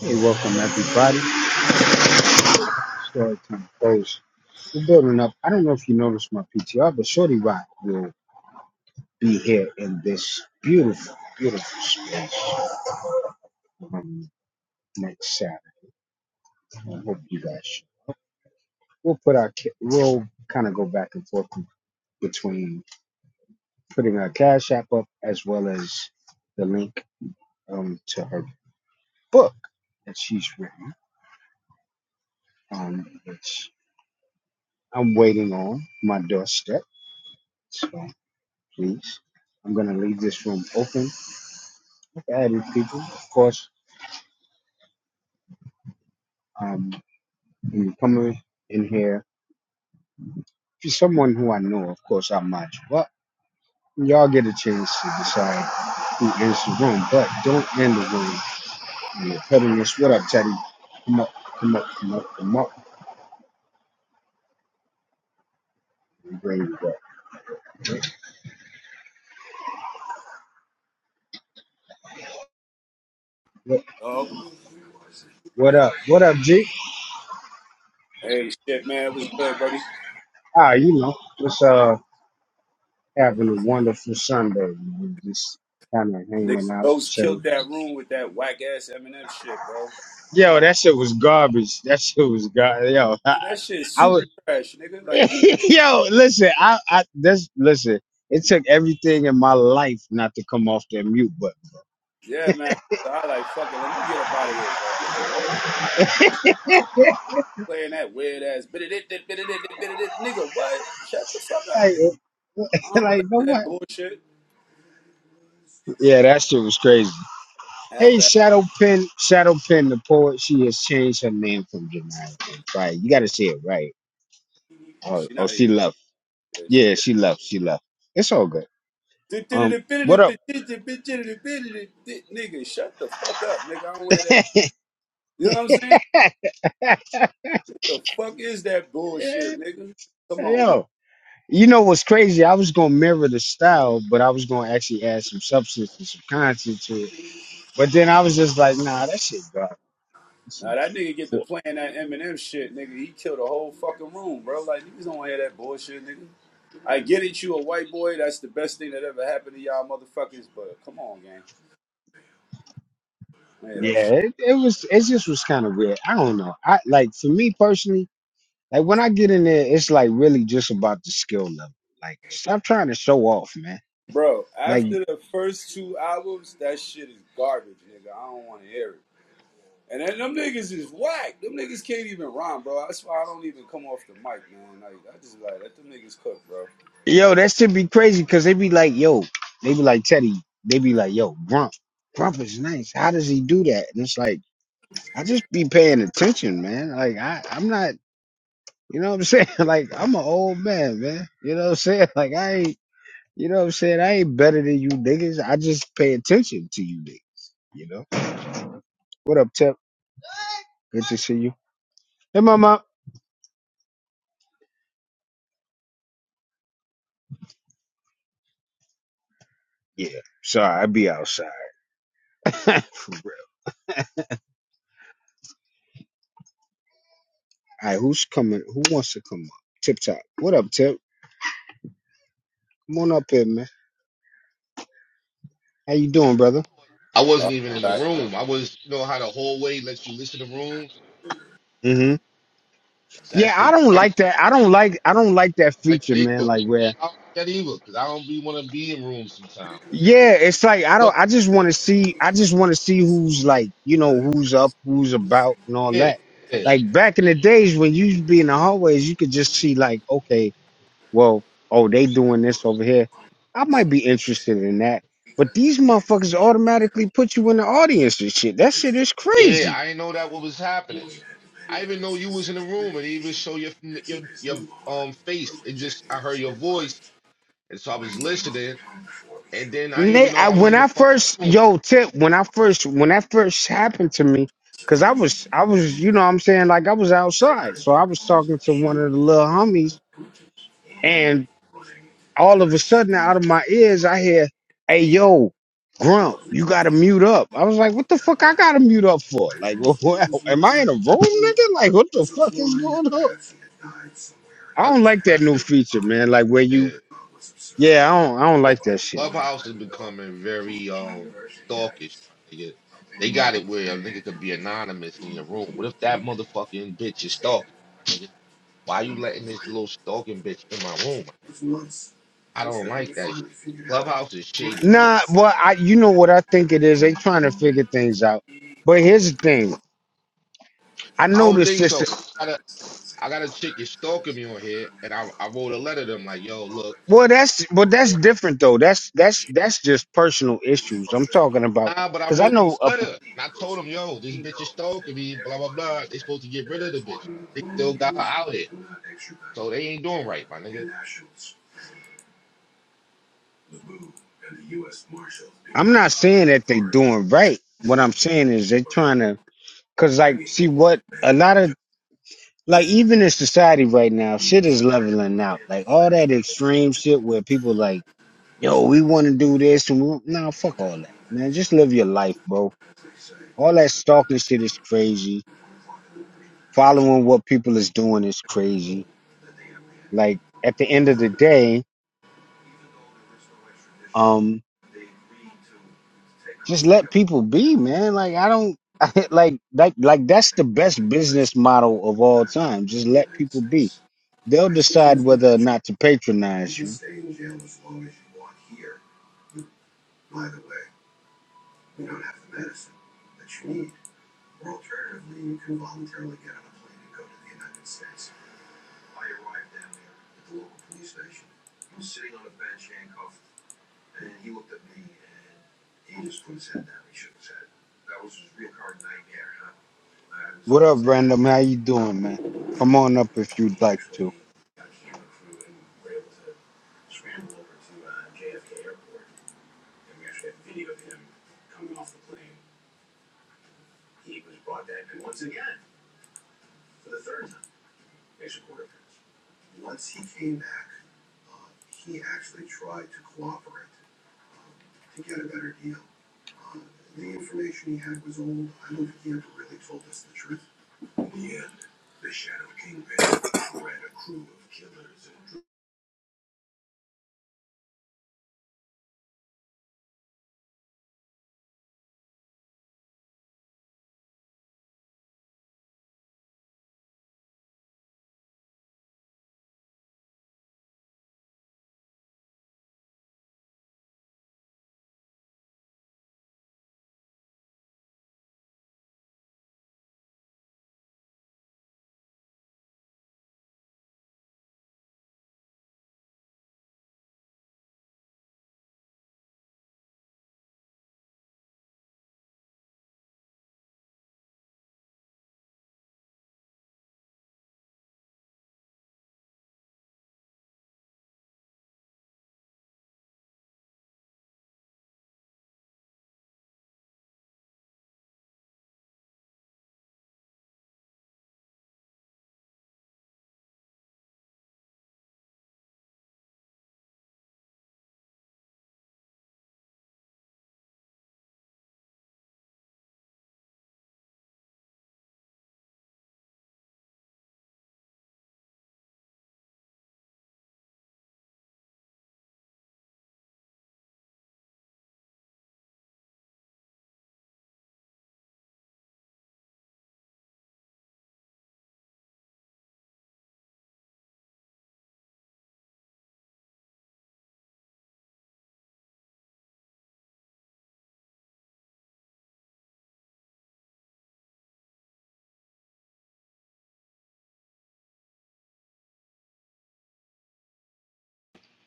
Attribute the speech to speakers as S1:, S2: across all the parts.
S1: Hey, welcome everybody. Storytime Close. We're building up. I don't know if you noticed my PTR, but Shorty Rock will be here in this beautiful, beautiful space um, next Saturday. I hope you guys. should. We'll put our. ca- We'll kind of go back and forth between putting our Cash App up as well as the link um, to her book that she's written, um, which I'm waiting on my doorstep. So please. I'm gonna leave this room open added people, of course. Um, when you come in in here, if you're someone who I know, of course, I might. Well, y'all get a chance to decide who ends the room, but don't end the room. And you're cutting this. What up, Teddy? Come up, come up, come up, come up. And bring you up. What,
S2: Oh,
S1: what up? What up, G?
S2: hey, shit, man, it was good, Brody.
S1: Ah, you know, just uh having a wonderful Sunday. We Just kind of hanging
S2: Niggas
S1: out,
S2: ghost killed
S1: chilling.
S2: that room with that whack ass Eminem shit, bro. I
S1: Yo,
S2: don't,
S1: that shit was garbage. That shit was garbage. Yo, I,
S2: that shit is
S1: I was.
S2: super trash, nigga. Like,
S1: Yo, listen, I, I this listen. It took everything in my life not to come off that mute button.
S2: yeah, man. So I like, fuck it, let me get up out of here, bro. Playing that weird ass bit it, it, bit it, it, bit it, nigga. What? Shut the fuck up,
S1: Like,
S2: nigga. I don't
S1: like
S2: relate
S1: no
S2: to that
S1: what?
S2: bullshit.
S1: Yeah, that shit was crazy.
S2: Half
S1: Hey,
S2: ass.
S1: Shadow Pen, Shadow Pen, the poet. She has changed her name from Janaya. Right, you got to say it right. Oh,
S2: She
S1: oh,
S2: not
S1: she
S2: even.
S1: left.
S2: yeah,
S1: Yeah,
S2: she-
S1: she left. She left. It's all good. Um,
S2: Nigga,
S1: what up?
S2: shut the fuck up, nigga. I don't wear that. shit. You know what I'm saying? The fuck is that bullshit, nigga? Come on, man.
S1: Yo, You know what's crazy? I was gonna mirror the style, but I was gonna actually add some substance and some content to it. But then I was just like, nah, that shit garbage. That
S2: Now that
S1: shit's
S2: nigga get to
S1: fu-
S2: playing that Eminem shit, nigga. He killed a whole fucking room, bro. Like niggas don't wanna hear that bullshit, nigga. I get it, you a white boy. That's the best thing that ever happened to y'all motherfuckers. But come on, gang. I hear that
S1: Yeah,
S2: shit,
S1: it, it was. It just was kind of weird. I don't know. I like for me personally, like when I get in there, it's like really just about the skill level. Like, stop trying to show off, man.
S2: bro.
S1: Like,
S2: After the first two albums, that shit is garbage, nigga. I don't want to hear it. And then them niggas is whack. Them niggas can't even rhyme, bro. That's why I don't even come off the mic, man. Like I just like let them niggas cook, bro.
S1: yo, that should be crazy because they be like, yo, they be like Teddy, they be like, yo, Grump, Grump is nice. How does he do that? And it's like. I just be paying attention, man. Like I, I'm not, you know what I'm saying? Like I'm an old man, man. You know what I'm saying? Like I ain't, you know what I'm saying? I ain't better than you niggas. I just pay attention to you niggas. You know? What up, Tip? Good to see you. Hey, mama. Yeah. Sorry, I be outside. For real. All right, who's coming? Who wants to come up? Tip Top. What up, Tip? Come on up here, man. How you doing, brother?
S3: I wasn't even in the
S2: Uh,
S3: room. I was, you know, how the hallway lets you listen to rooms.
S1: Mm-hmm.
S3: So I
S1: Yeah, I
S3: say,
S1: don't like that. I don't like. I don't like that
S3: I like that
S1: feature, man.
S3: either.
S1: Like where
S3: I don't like that either because I don't be want to be in rooms sometimes.
S1: Yeah, it's like I don't.
S3: Look,
S1: I just want to see. I just want to see who's like, you know, who's up, who's about, and all
S3: yeah,
S1: that.
S3: yeah,
S1: Like back in the days when you used to be in the hallways, you could just see like, okay, well, oh, they doing this over here. I might be interested in that. But these motherfuckers automatically put you in the audience and shit. That shit is
S2: like,
S3: yeah.
S1: crazy.
S3: I didn't know that what was happening.
S2: Boyd had
S3: I
S2: depended
S3: even
S2: on
S3: know you was in the
S2: specific
S3: room and it even
S2: medication.
S3: show your your your um face. It just I heard your voice and so I was listening and then I
S1: And
S3: didn't
S1: they,
S3: even know
S1: I,
S3: I was
S1: when
S3: in the
S1: I
S3: fucking
S1: first,
S3: room.
S1: yo, tip, when I first, when that first happened to me, cause I was, I was, you know, what I'm saying, like I was outside, so I was talking to one of the little homies And all of a sudden, out of my ears, I hear, "Hey, yo, Grump, you gotta mute up." I was like, "What the fuck? I gotta mute up for? Like, what, am I in a room, nigga? Like, what the fuck is going on?" I
S3: That's
S1: don't like that new
S3: hilarious.
S1: feature, man. Like, where
S3: Yeah.
S1: you, yeah, I don't, I don't
S3: Oh,
S1: like that shit.
S3: Clubhouse is becoming very um stalkish, my nigga. They got it where a nigga could be anonymous in your room. What if that motherfucking bitch is stalking, my nigga? Why you letting this little stalking bitch in my room? My nigga? I don't like that shit. Clubhouse is shady. My
S1: Nah,
S3: nigga.
S1: but I, you know what I think it is? They trying to figure things out. But here's the thing. I
S3: I don't
S1: noticed
S3: think so.
S1: this.
S3: I got a I got a chick is stalking me on here, and I I wrote a letter to them like, yo, look,
S1: Well, that's but that's different though. That's that's that's just personal issues. I'm talking about
S3: nah, but I
S1: because I
S3: wrote them
S1: know
S3: a
S1: a
S3: letter and I told them, yo, this bitch is stalking me, blah blah blah. They supposed to get rid of the bitch. They still got her out here, so they ain't doing right, my nigga.
S1: I'm not saying that they doing right. What I'm saying is they are trying to, cause like, see what a lot of like even in society right now, shit is leveling out. Like all that extreme shit where people like, yo, we want to do this and we, nah, fuck all that, man. Just live your life, bro. All that stalking shit is crazy. Following what people is doing is crazy. Like at the end of the day, um. just let people be, man. Like I don't I, like like like that's the best business model of all time. Just let people be. They'll decide whether or not to patronize you. What up, random? How you doing, man? Come on up if you'd like to.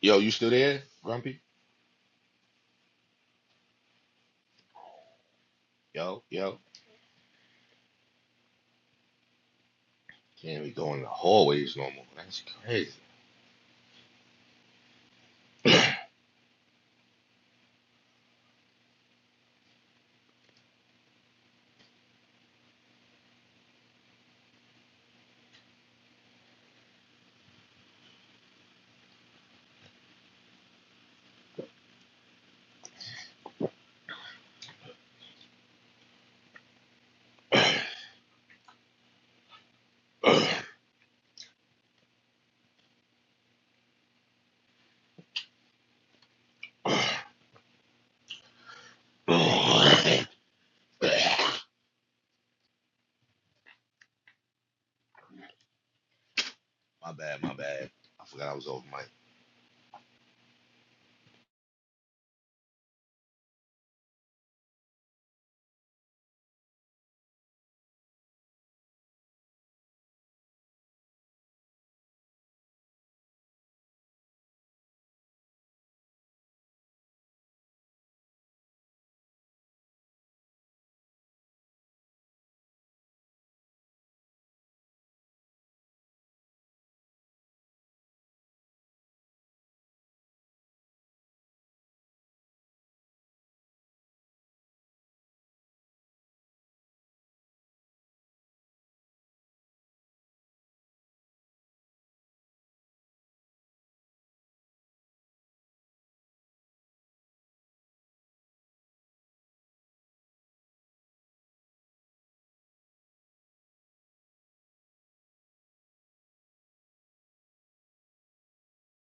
S3: Yo, you still there, Grumpy? Yo, yo. Can't be going in the hallways no more. That's crazy. my bad, my bad. I forgot I was over mic.